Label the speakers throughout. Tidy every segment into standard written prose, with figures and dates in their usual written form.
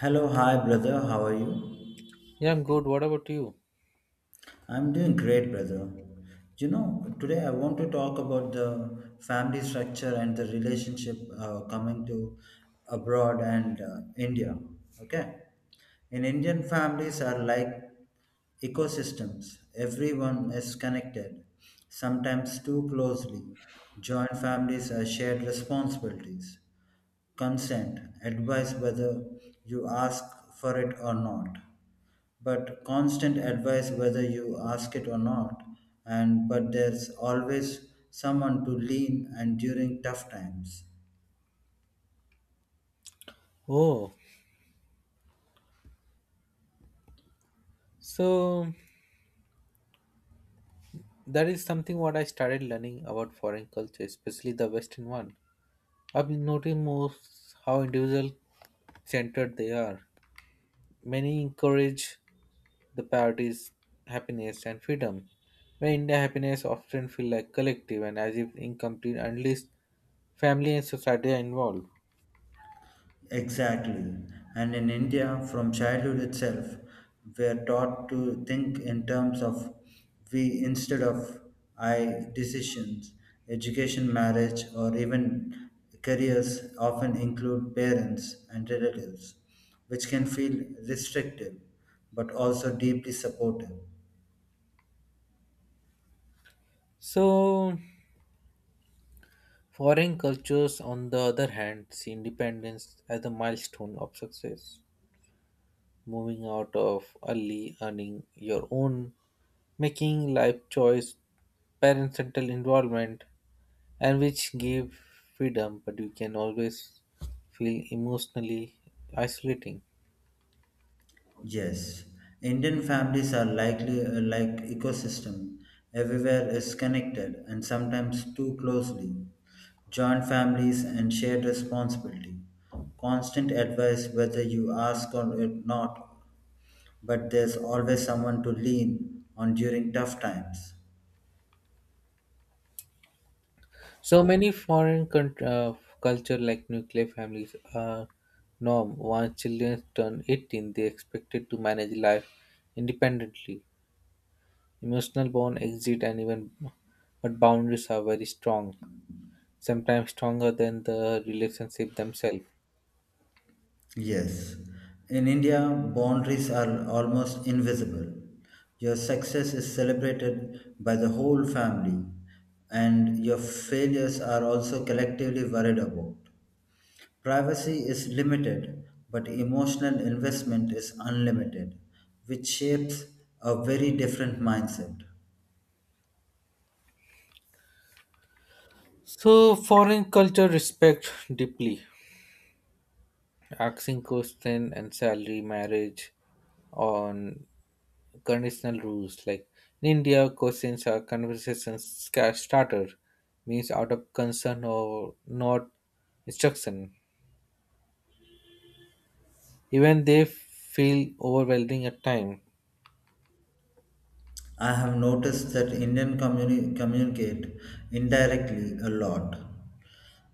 Speaker 1: Hello, hi brother, how are you?
Speaker 2: Yeah, I'm good. What about you?
Speaker 1: I'm doing great, brother. You know, today I want to talk about the family structure and the relationship coming to abroad and India. Okay, in Indian families are like ecosystems. Everyone is connected, sometimes too closely. Joint families are shared responsibilities, consent, advice whether you ask for it or not, but constant advice whether you ask it or not, and but there's always someone to lean and during tough times
Speaker 2: Oh, so that is something what I started learning about foreign culture, especially the Western one. I've been noticing most how individual centered they are. Many encourage the priorities, happiness, and freedom. Where India happiness often feel like collective and as if incomplete unless family and society are involved.
Speaker 1: exactly. And in india from childhood itself we're taught to think in terms of we instead of i, decisions education marriage or even careers often include parents and relatives which can feel restrictive but also deeply supportive.
Speaker 2: So, foreign cultures, on the other hand, see independence as a milestone of success. Moving out of early, earning your own, making life choice, parental involvement, and which give freedom, but you can always feel emotionally isolating.
Speaker 1: Yes, Indian families are likely like ecosystem. Everywhere is connected and sometimes too closely. Joint families and shared responsibility. Constant advice whether you ask or not, but there's always someone to lean on during tough times.
Speaker 2: So many culture like nuclear families are norm. Once children turn 18, they expected to manage life independently. Emotional bond exit and even but boundaries are very strong. Sometimes stronger than the relationship themselves.
Speaker 1: Yes, in India, boundaries are almost invisible. Your success is celebrated by the whole family, and your failures are also collectively worried about. Privacy is limited, but emotional investment is unlimited, which shapes a very different mindset.
Speaker 2: So, foreign culture respect deeply, asking question and salary, marriage on conditional rules. Like in India, questions are starter, means out of concern or not instruction. Even they feel overwhelming at time.
Speaker 1: I have noticed that Indian communicate indirectly a lot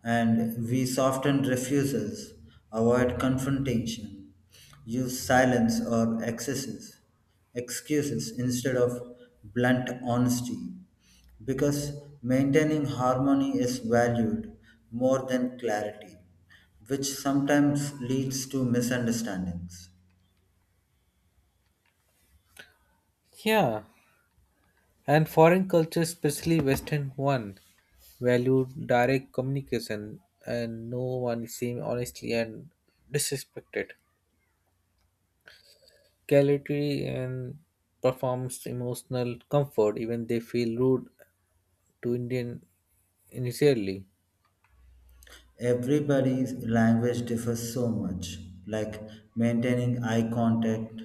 Speaker 1: and we soften refusals, avoid confrontation, use silence or excuses instead of blunt honesty, because maintaining harmony is valued more than clarity, which sometimes leads to misunderstandings.
Speaker 2: Yeah, and foreign cultures, especially Western one, value direct communication and no one is seen honestly and disrespected. Quality and performs emotional comfort even they feel rude to Indian initially.
Speaker 1: Everybody's language differs so much, like maintaining eye contact.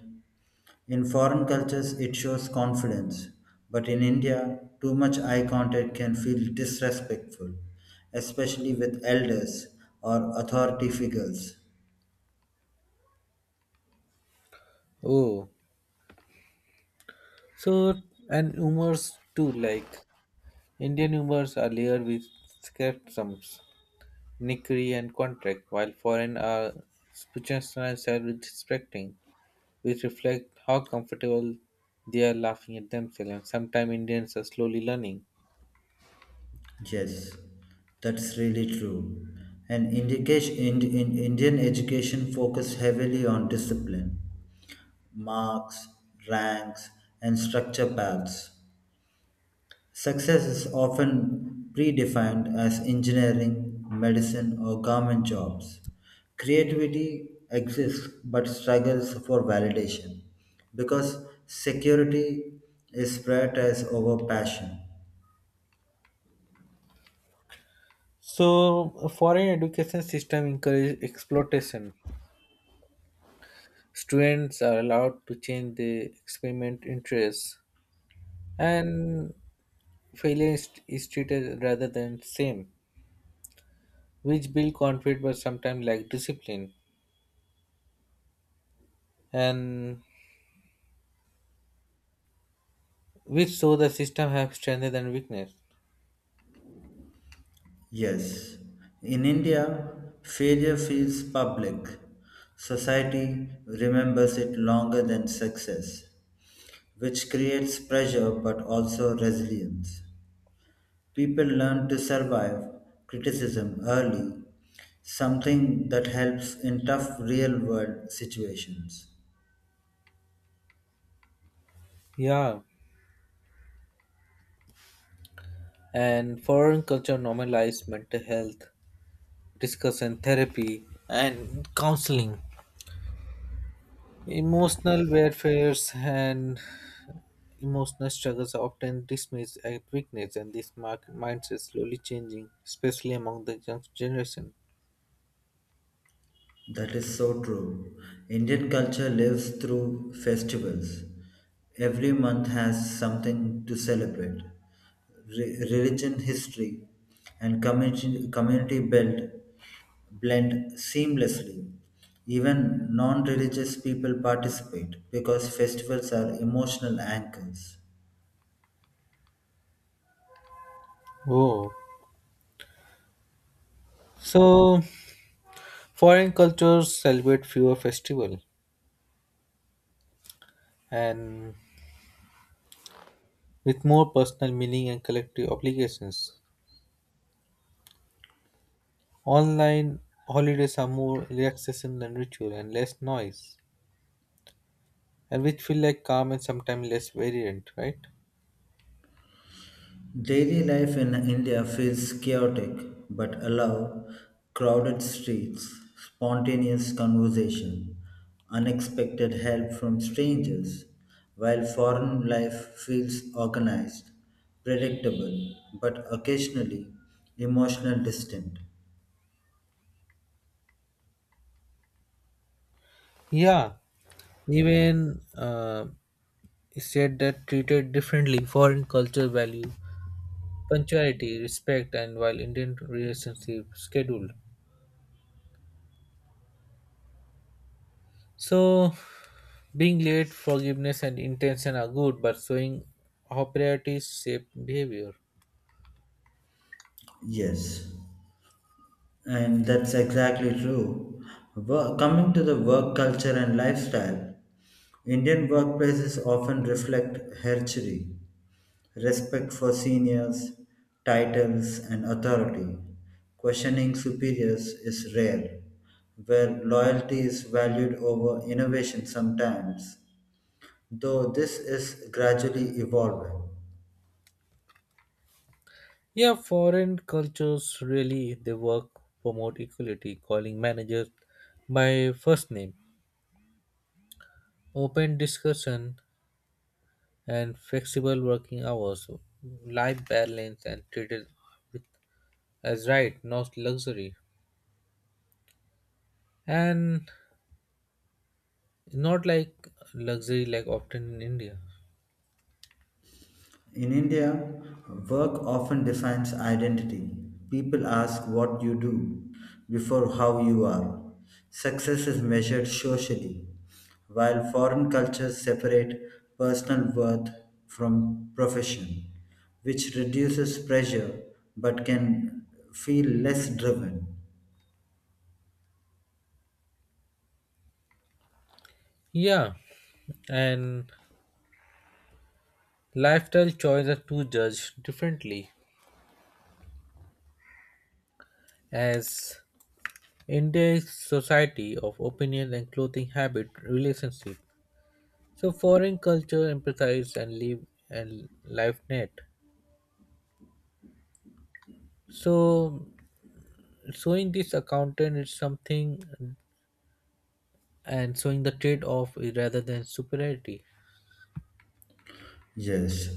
Speaker 1: In foreign cultures, it shows confidence, but in India, too much eye contact can feel disrespectful, especially with elders or authority figures.
Speaker 2: Oh, so and humors too like Indian humors are layered with sarcasms, nickery and contract while foreign are spiritual and self-respecting, which reflect how comfortable they are laughing at themselves and sometimes indians are slowly learning.
Speaker 1: Yes, that's really true. And indication, in Indian education focus heavily on discipline, marks, ranks, and structure paths. Success is often predefined as engineering, medicine, or government jobs. Creativity exists but struggles for validation because security is prioritized over passion.
Speaker 2: So a foreign education system encourages exploitation. Students are allowed to change their experiment interests and failure is treated rather than same, which build confidence but sometimes lack discipline and which show the system have strength and weakness.
Speaker 1: Yes, in India, failure feels public. Society remembers it longer than success, which creates pressure but also resilience. People learn to survive criticism early, something that helps in tough real world situations.
Speaker 2: Yeah, and foreign culture normalize mental health discussion, therapy, and counseling. Emotional warfares and emotional struggles are often dismissed as weakness, and this mark mindset is slowly changing, especially among the young generation.
Speaker 1: That is so true. Indian culture lives through festivals. Every month has something to celebrate. Religion, history, and community built blend seamlessly. Even non religious people participate because festivals are emotional anchors.
Speaker 2: Oh, so foreign cultures celebrate fewer festivals and with more personal meaning and collective obligations. Online holidays are more relaxation than ritual and less noise, and which feel like calm and sometimes less variant, right?
Speaker 1: Daily life in India feels chaotic but allow crowded streets, spontaneous conversation, unexpected help from strangers, while foreign life feels organized, predictable, but occasionally emotional distant.
Speaker 2: Yeah, even it said that treated differently foreign culture value punctuality respect and while indian relationship scheduled, so being late forgiveness and intention are good but showing how priorities shape behavior.
Speaker 1: Yes, and that's exactly true. Coming to the work culture and lifestyle, Indian workplaces often reflect herchery respect for seniors, titles, and authority. Questioning superiors is rare, where loyalty is valued over innovation sometimes, though this is gradually evolving.
Speaker 2: Yeah, foreign cultures really they work promote equality, calling managers by first name, open discussion, and flexible working hours, life balance, and treated with, as right, not luxury, and not like luxury like often in India.
Speaker 1: In India, work often defines identity. People ask what you do before how you are. Success is measured socially, while foreign cultures separate personal worth from profession, which reduces pressure but can feel less driven.
Speaker 2: Yeah, and lifestyle choices to judge differently as India's society of opinion and clothing habit relationship. So foreign culture emphasize and live and life net. So showing this accountant is something and showing the trade off rather than superiority.
Speaker 1: Yes,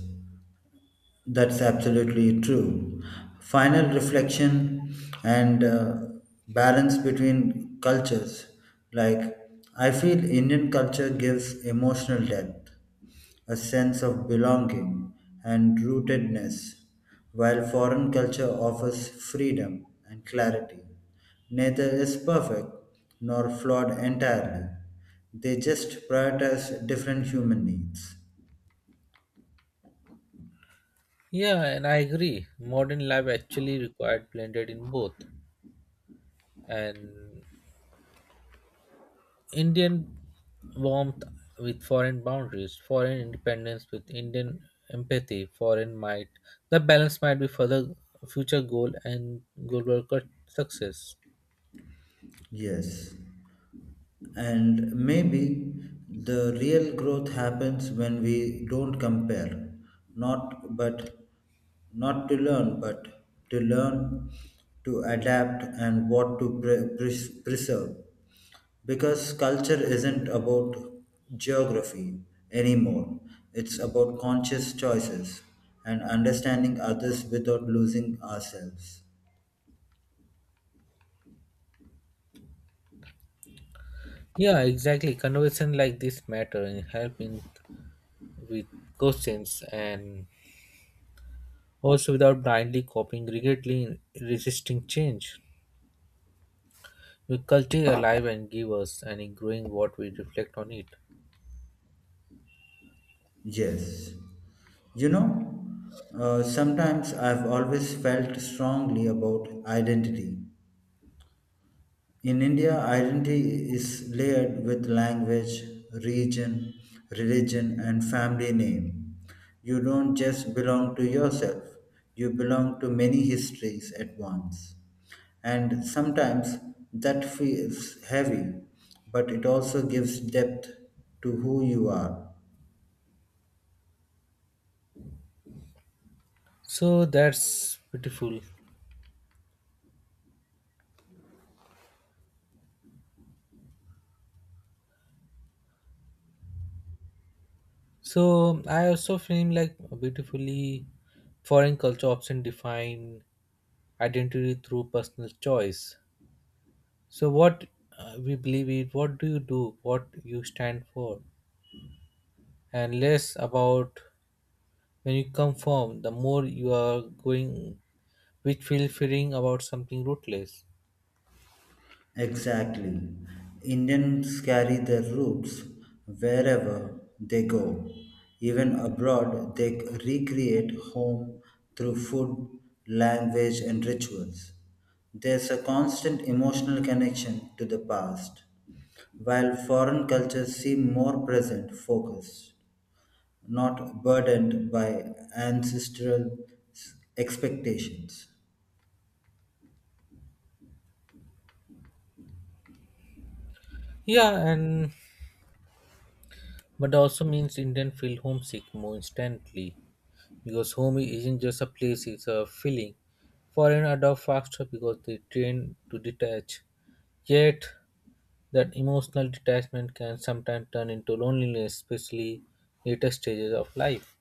Speaker 1: that's absolutely true. Final reflection and balance between cultures. Like, I feel Indian culture gives emotional depth, a sense of belonging and rootedness, while foreign culture offers freedom and clarity. Neither is perfect nor flawed entirely, they just prioritize different human needs.
Speaker 2: Yeah, and I agree. Modern life actually required blended in both, and Indian warmth with foreign boundaries, foreign independence with Indian empathy, foreign might. The balance might be further future goal and goal worker success.
Speaker 1: Yes. And maybe the real growth happens when we don't compare, not but not to learn, but to learn to adapt and what to preserve. Because culture isn't about geography anymore, it's about conscious choices and understanding others without losing ourselves.
Speaker 2: Yeah, exactly. Conversation like this matter and help in with questions and also without blindly copying, regretly resisting change. We cultivate our life and give us, and in growing what we reflect on it.
Speaker 1: Yes. You know, sometimes I've always felt strongly about identity. In India, identity is layered with language, region, religion, and family name. You don't just belong to yourself, you belong to many histories at once. And sometimes that feels heavy, but it also gives depth to who you are.
Speaker 2: So that's beautiful. So I also feel like beautifully foreign culture often define identity through personal choice. So what we believe in, what do you do, what you stand for, and less about when you come from, the more you are going, which feel fearing about something rootless.
Speaker 1: Exactly. Indians carry their roots wherever they go. Even abroad, they recreate home through food, language, and rituals. There's a constant emotional connection to the past, while foreign cultures seem more present focused, not burdened by ancestral expectations.
Speaker 2: Yeah, and but also means Indian feel homesick more instantly because home isn't just a place, it's a feeling. Foreign adopt faster because they train to detach. Yet, that emotional detachment can sometimes turn into loneliness, especially later stages of life.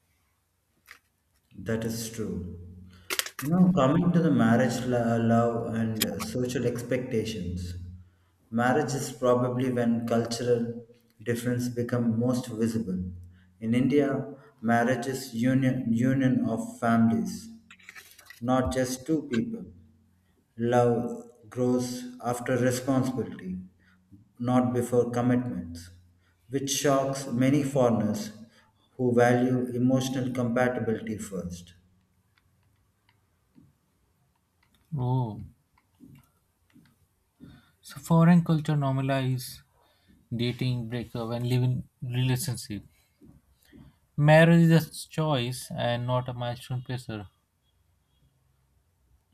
Speaker 1: That is true. You know, coming to the marriage love and social expectations, marriage is probably when cultural difference become most visible. In India, marriage is union of families, not just two people. Love grows after responsibility, not before commitments, which shocks many foreigners who value emotional compatibility first.
Speaker 2: Oh, so foreign culture normalize dating, breakup, and living relationship. Marriage is a choice and not a milestone pressure.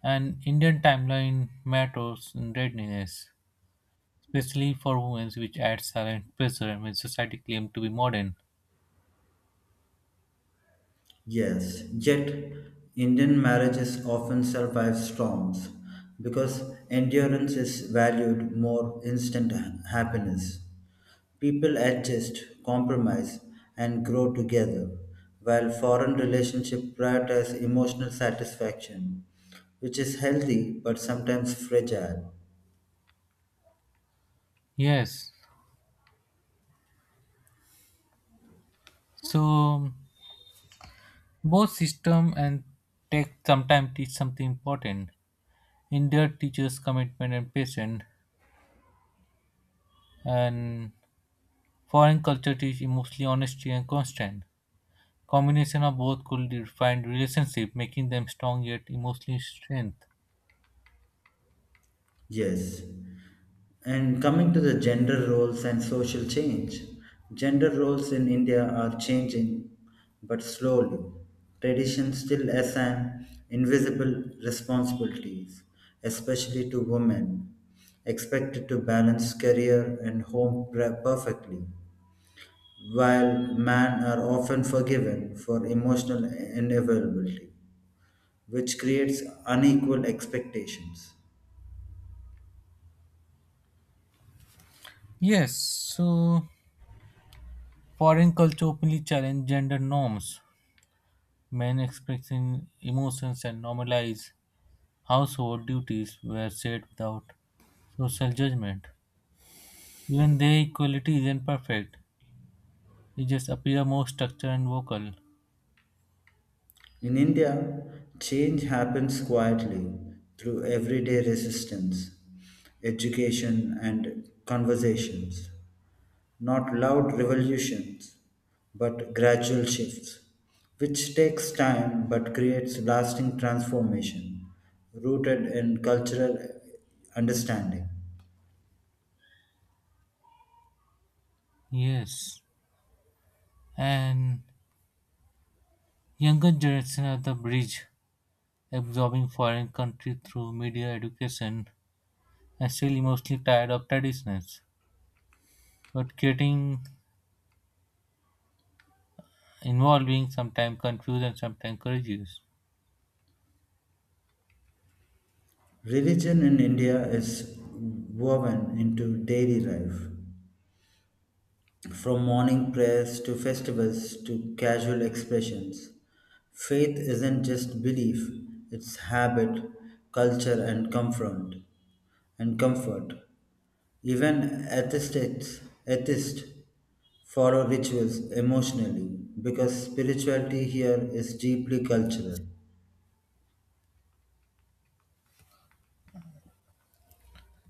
Speaker 2: And Indian timeline matters in readiness, especially for women, which adds silent pressure when society claims to be modern.
Speaker 1: Yes, yet Indian marriages often survive storms because endurance is valued more instant happiness. People adjust, compromise, and grow together, while foreign relationships prioritize emotional satisfaction, which is healthy but sometimes fragile.
Speaker 2: Yes, so both system and tech sometimes teach something important. India teaches commitment and patience, and foreign culture teach emotionally honesty and constant. Combination of both could define relationship, making them strong yet emotionally strength.
Speaker 1: Yes. And coming to the gender roles and social change, gender roles in India are changing, but slowly. Traditions still assign invisible responsibilities, especially to women, expected to balance career and home perfectly, while men are often forgiven for emotional inevitability, which creates unequal expectations.
Speaker 2: Yes, so foreign culture openly challenge gender norms. Men expressing emotions and normalize household duties were shared without social judgment. Even their equality isn't perfect. They just appear more structured and vocal.
Speaker 1: In India, change happens quietly through everyday resistance, education, and conversations. Not loud revolutions, but gradual shifts, which takes time but creates lasting transformation rooted in cultural understanding.
Speaker 2: Yes. And younger generation are the bridge, absorbing foreign country through media education and still mostly tired of traditions. But getting involving sometimes confused and sometimes courageous.
Speaker 1: Religion in India is woven into daily life. From morning prayers to festivals to casual expressions, faith isn't just belief, it's habit, culture, and comfort. And comfort. Even atheists follow rituals emotionally because spirituality here is deeply cultural.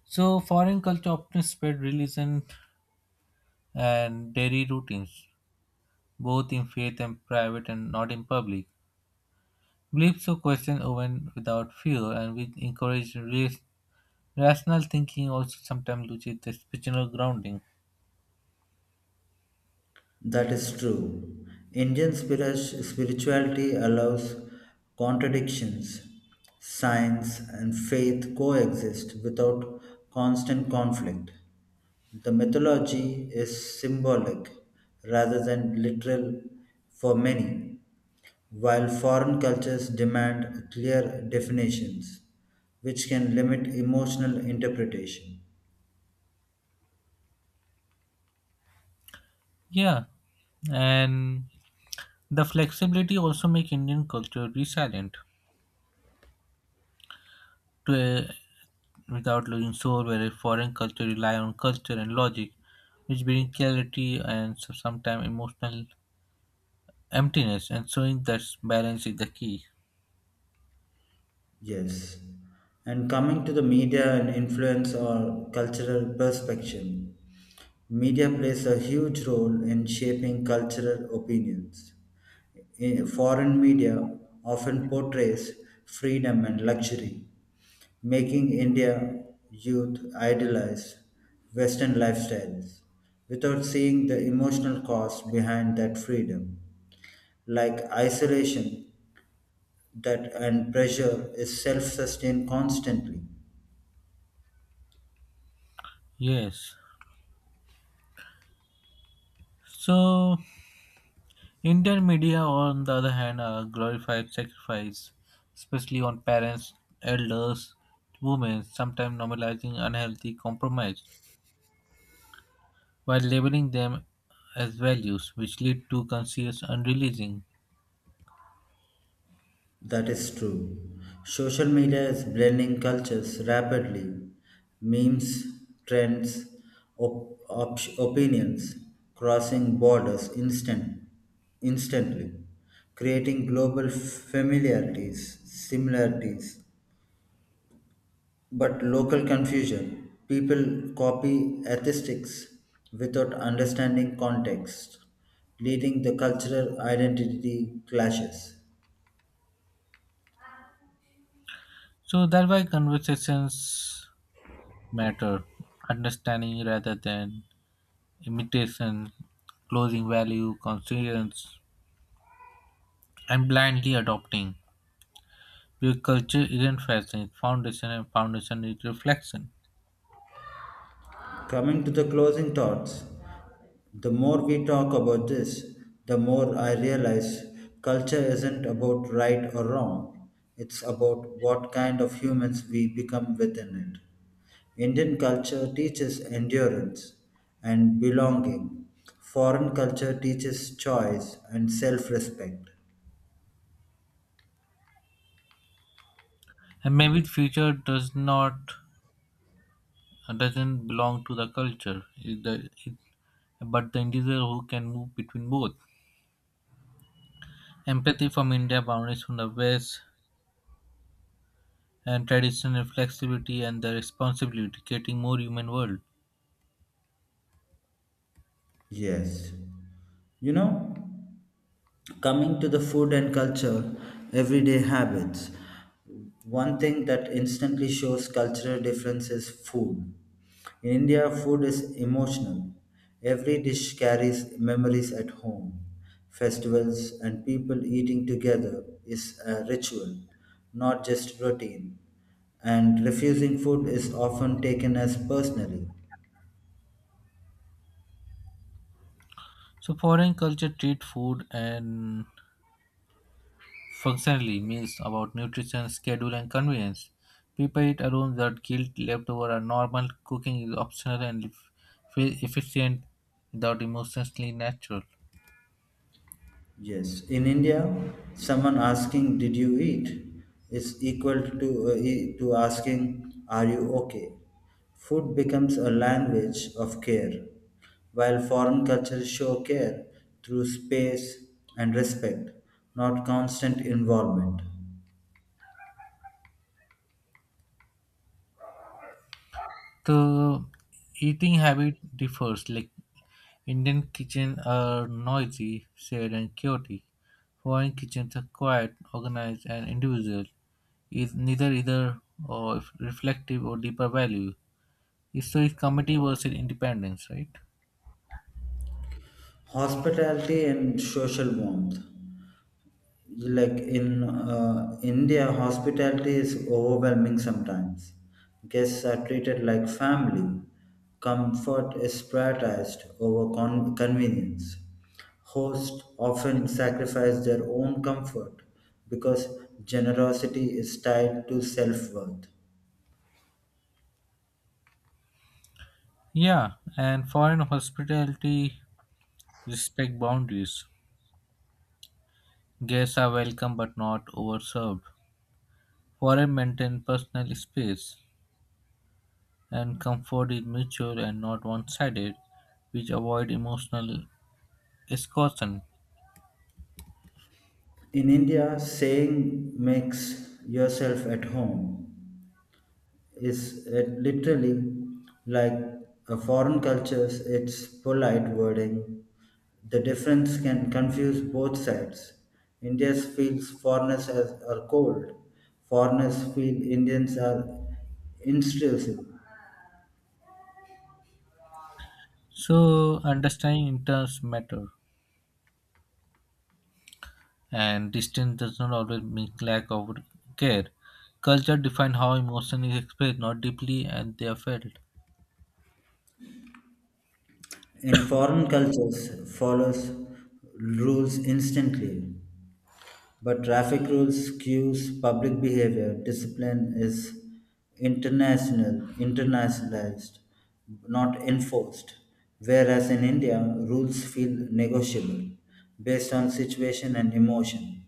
Speaker 2: So foreign culture often spread religion and daily routines, both in faith and private and not in public. Beliefs or questions even without fear, and we encourage race, rational thinking also sometimes loses the spiritual grounding.
Speaker 1: That is true. Indian spirituality allows contradictions. Science and faith coexist without constant conflict. The mythology is symbolic rather than literal for many, while foreign cultures demand clear definitions, which can limit emotional interpretation.
Speaker 2: Yeah, and the flexibility also make Indian culture resilient to a, without losing soul, whereas foreign culture rely on culture and logic, which bring clarity and so sometimes emotional emptiness, and showing that balance is the key.
Speaker 1: Yes. And coming to the media and influence or cultural perspective, media plays a huge role in shaping cultural opinions. In foreign media often portrays freedom and luxury, making India youth idolize Western lifestyles without seeing the emotional cost behind that freedom, like isolation that and pressure is self-sustained constantly.
Speaker 2: Yes. So Indian media, on the other hand, glorified sacrifice, especially on parents, elders, women, sometimes normalizing unhealthy compromise while labeling them as values, which lead to conscious unreleasing.
Speaker 1: That is true. Social media is blending cultures rapidly, memes, trends, opinions crossing borders instantly, creating global familiarities similarities, but local confusion. People copy aesthetics without understanding context, leading the cultural identity clashes.
Speaker 2: So that's why conversations matter, understanding rather than imitation, closing value, conscience, and blindly adopting. Because culture isn't fashion, it's foundation, and foundation is reflection.
Speaker 1: Coming to the closing thoughts, the more we talk about this, the more I realize culture isn't about right or wrong. It's about what kind of humans we become within it. Indian culture teaches endurance and belonging. Foreign culture teaches choice and self respect.
Speaker 2: And maybe future doesn't belong to the culture, but the individual who can move between both, empathy from india boundaries from the west, and traditional flexibility and the responsibility creating more human world.
Speaker 1: Yes. You know, coming to the food and culture, everyday habits. One thing that instantly shows cultural difference is food. In India, food is emotional. Every dish carries memories at home. Festivals and people eating together is a ritual, not just routine. And refusing food is often taken as personally.
Speaker 2: So foreign culture treat food and functionally meals about nutrition schedule and convenience, prepare it alone without guilt leftover or normal cooking is optional and efficient without emotionally natural.
Speaker 1: Yes, in India, someone asking "Did you eat?" is equal to to asking "Are you okay?" Food becomes a language of care, while foreign cultures show care through space and respect, not constant involvement.
Speaker 2: The eating habit differs. Like Indian kitchen are noisy, sad, and chaotic. Foreign kitchens are quiet, organized, and individual. Is neither either or if reflective or deeper value. So it's community versus independence, right?
Speaker 1: Hospitality and social warmth. Like in india hospitality is overwhelming sometimes, guests are treated like family, comfort is prioritized over convenience, hosts often sacrifice their own comfort because generosity is tied to self-worth.
Speaker 2: Yeah, and foreign hospitality respect boundaries. Guests are welcome but not overserved. Foreign maintain personal space, and comfort is mutual and not one-sided, which avoid emotional exhaustion.
Speaker 1: In india saying makes yourself at home is it literally like a foreign cultures it's polite wording. The difference can confuse both sides, indians feels foreigners as are cold, foreigners feel indians are intrusive.
Speaker 2: So understanding interests matter, and distance does not always mean lack of care. Culture defines how emotion is expressed, not deeply, and they are felt.
Speaker 1: In foreign cultures follows rules instantly. But traffic rules cues public behavior. Discipline is internationalized, not enforced. Whereas in India, rules feel negotiable based on situation and emotion.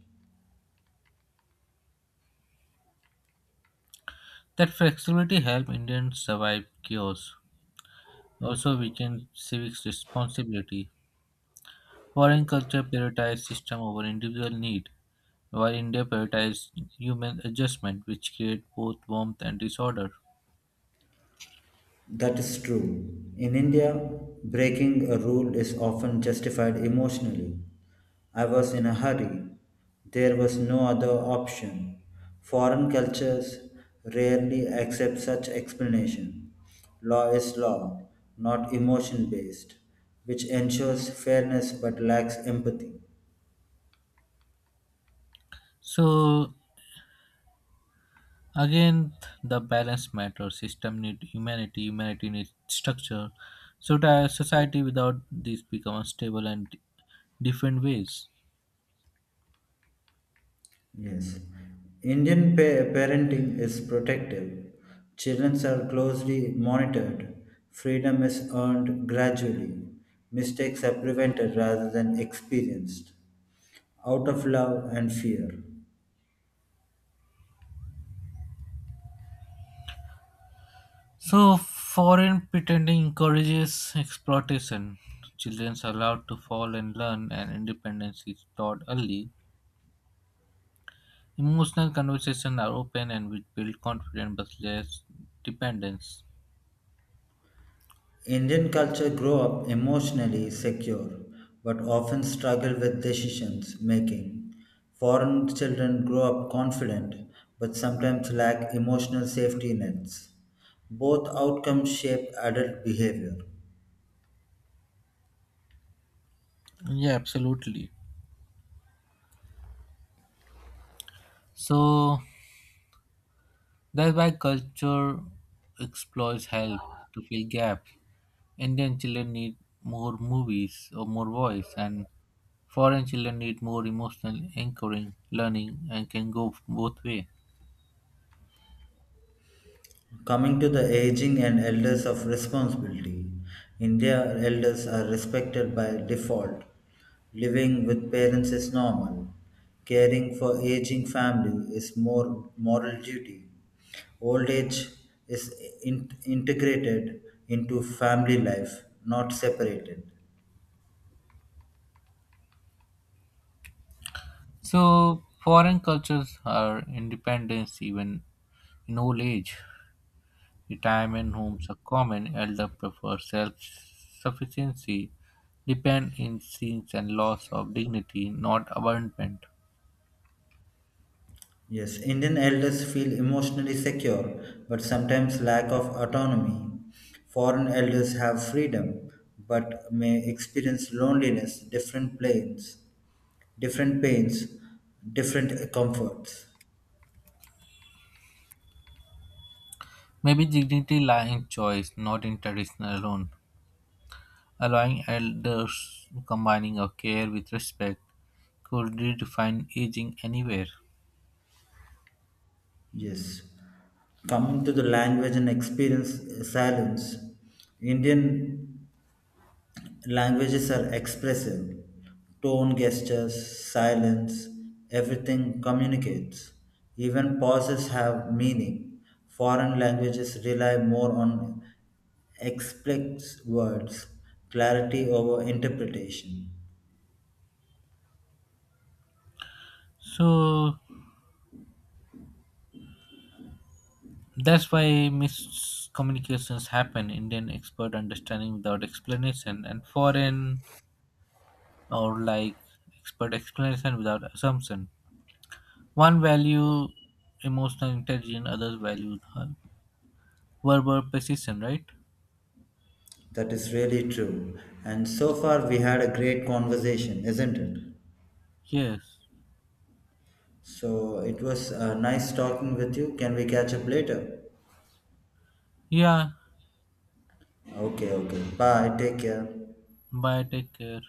Speaker 2: That flexibility helps Indians survive chaos. Also, we can civics responsibility. Foreign culture prioritize system over individual need, while India prioritizes human adjustment, which create both warmth and disorder.
Speaker 1: That is true. In India, breaking a rule is often justified emotionally. I was in a hurry. There was no other option. Foreign cultures rarely accept such explanation. Law is law, not emotion based, which ensures fairness but lacks empathy.
Speaker 2: So again, the balance matters. System need humanity. Humanity needs structure. So that society without this become unstable and different ways.
Speaker 1: Yes. Indian parenting is protective. Children are closely monitored. Freedom is earned gradually. Mistakes are prevented rather than experienced. Out of love and fear.
Speaker 2: So foreign pretending encourages exploitation. Children are allowed to fall and learn, and independence is taught early. Emotional conversations are open and which build confidence but less dependence.
Speaker 1: Indian culture grow up emotionally secure but often struggle with decisions making. Foreign children grow up confident but sometimes lack emotional safety nets. Both outcomes shape adult behavior.
Speaker 2: Yeah, absolutely. So that's why culture exploits help to fill gaps. Indian children need more movies or more voice, and foreign children need more emotional anchoring, learning, and can go both way.
Speaker 1: Coming to the aging and elders of responsibility, India elders are respected by default. Living with parents is normal. Caring for aging family is more moral duty. Old age is integrated into family life, not separated.
Speaker 2: So foreign cultures are independence even in old age. Retirement homes are common. Elder prefer self-sufficiency, depend in sins and loss of dignity, not abandonment.
Speaker 1: Yes, Indian elders feel emotionally secure, but sometimes lack of autonomy. Foreign elders have freedom, but may experience loneliness, different planes, different pains, different comforts.
Speaker 2: Maybe dignity lies in choice, not in tradition alone. Allowing elders combining of care with respect could redefine aging anywhere.
Speaker 1: Yes. Coming to the language and experience silence, Indian languages are expressive. Tone, gestures, silence, everything communicates. Even pauses have meaning. Foreign languages rely more on explicit words, clarity over interpretation.
Speaker 2: So that's why miscommunications happen. Indian expert understanding without explanation and foreign or like expert explanation without assumption. One value emotional intelligence, others value huh? Verbal precision, right?
Speaker 1: That is really true. And so far, we had a great conversation, isn't it?
Speaker 2: Yes.
Speaker 1: So it was nice talking with you. Can we catch up later?
Speaker 2: Yeah.
Speaker 1: Okay, okay. Bye. Take care.
Speaker 2: Bye. Take care.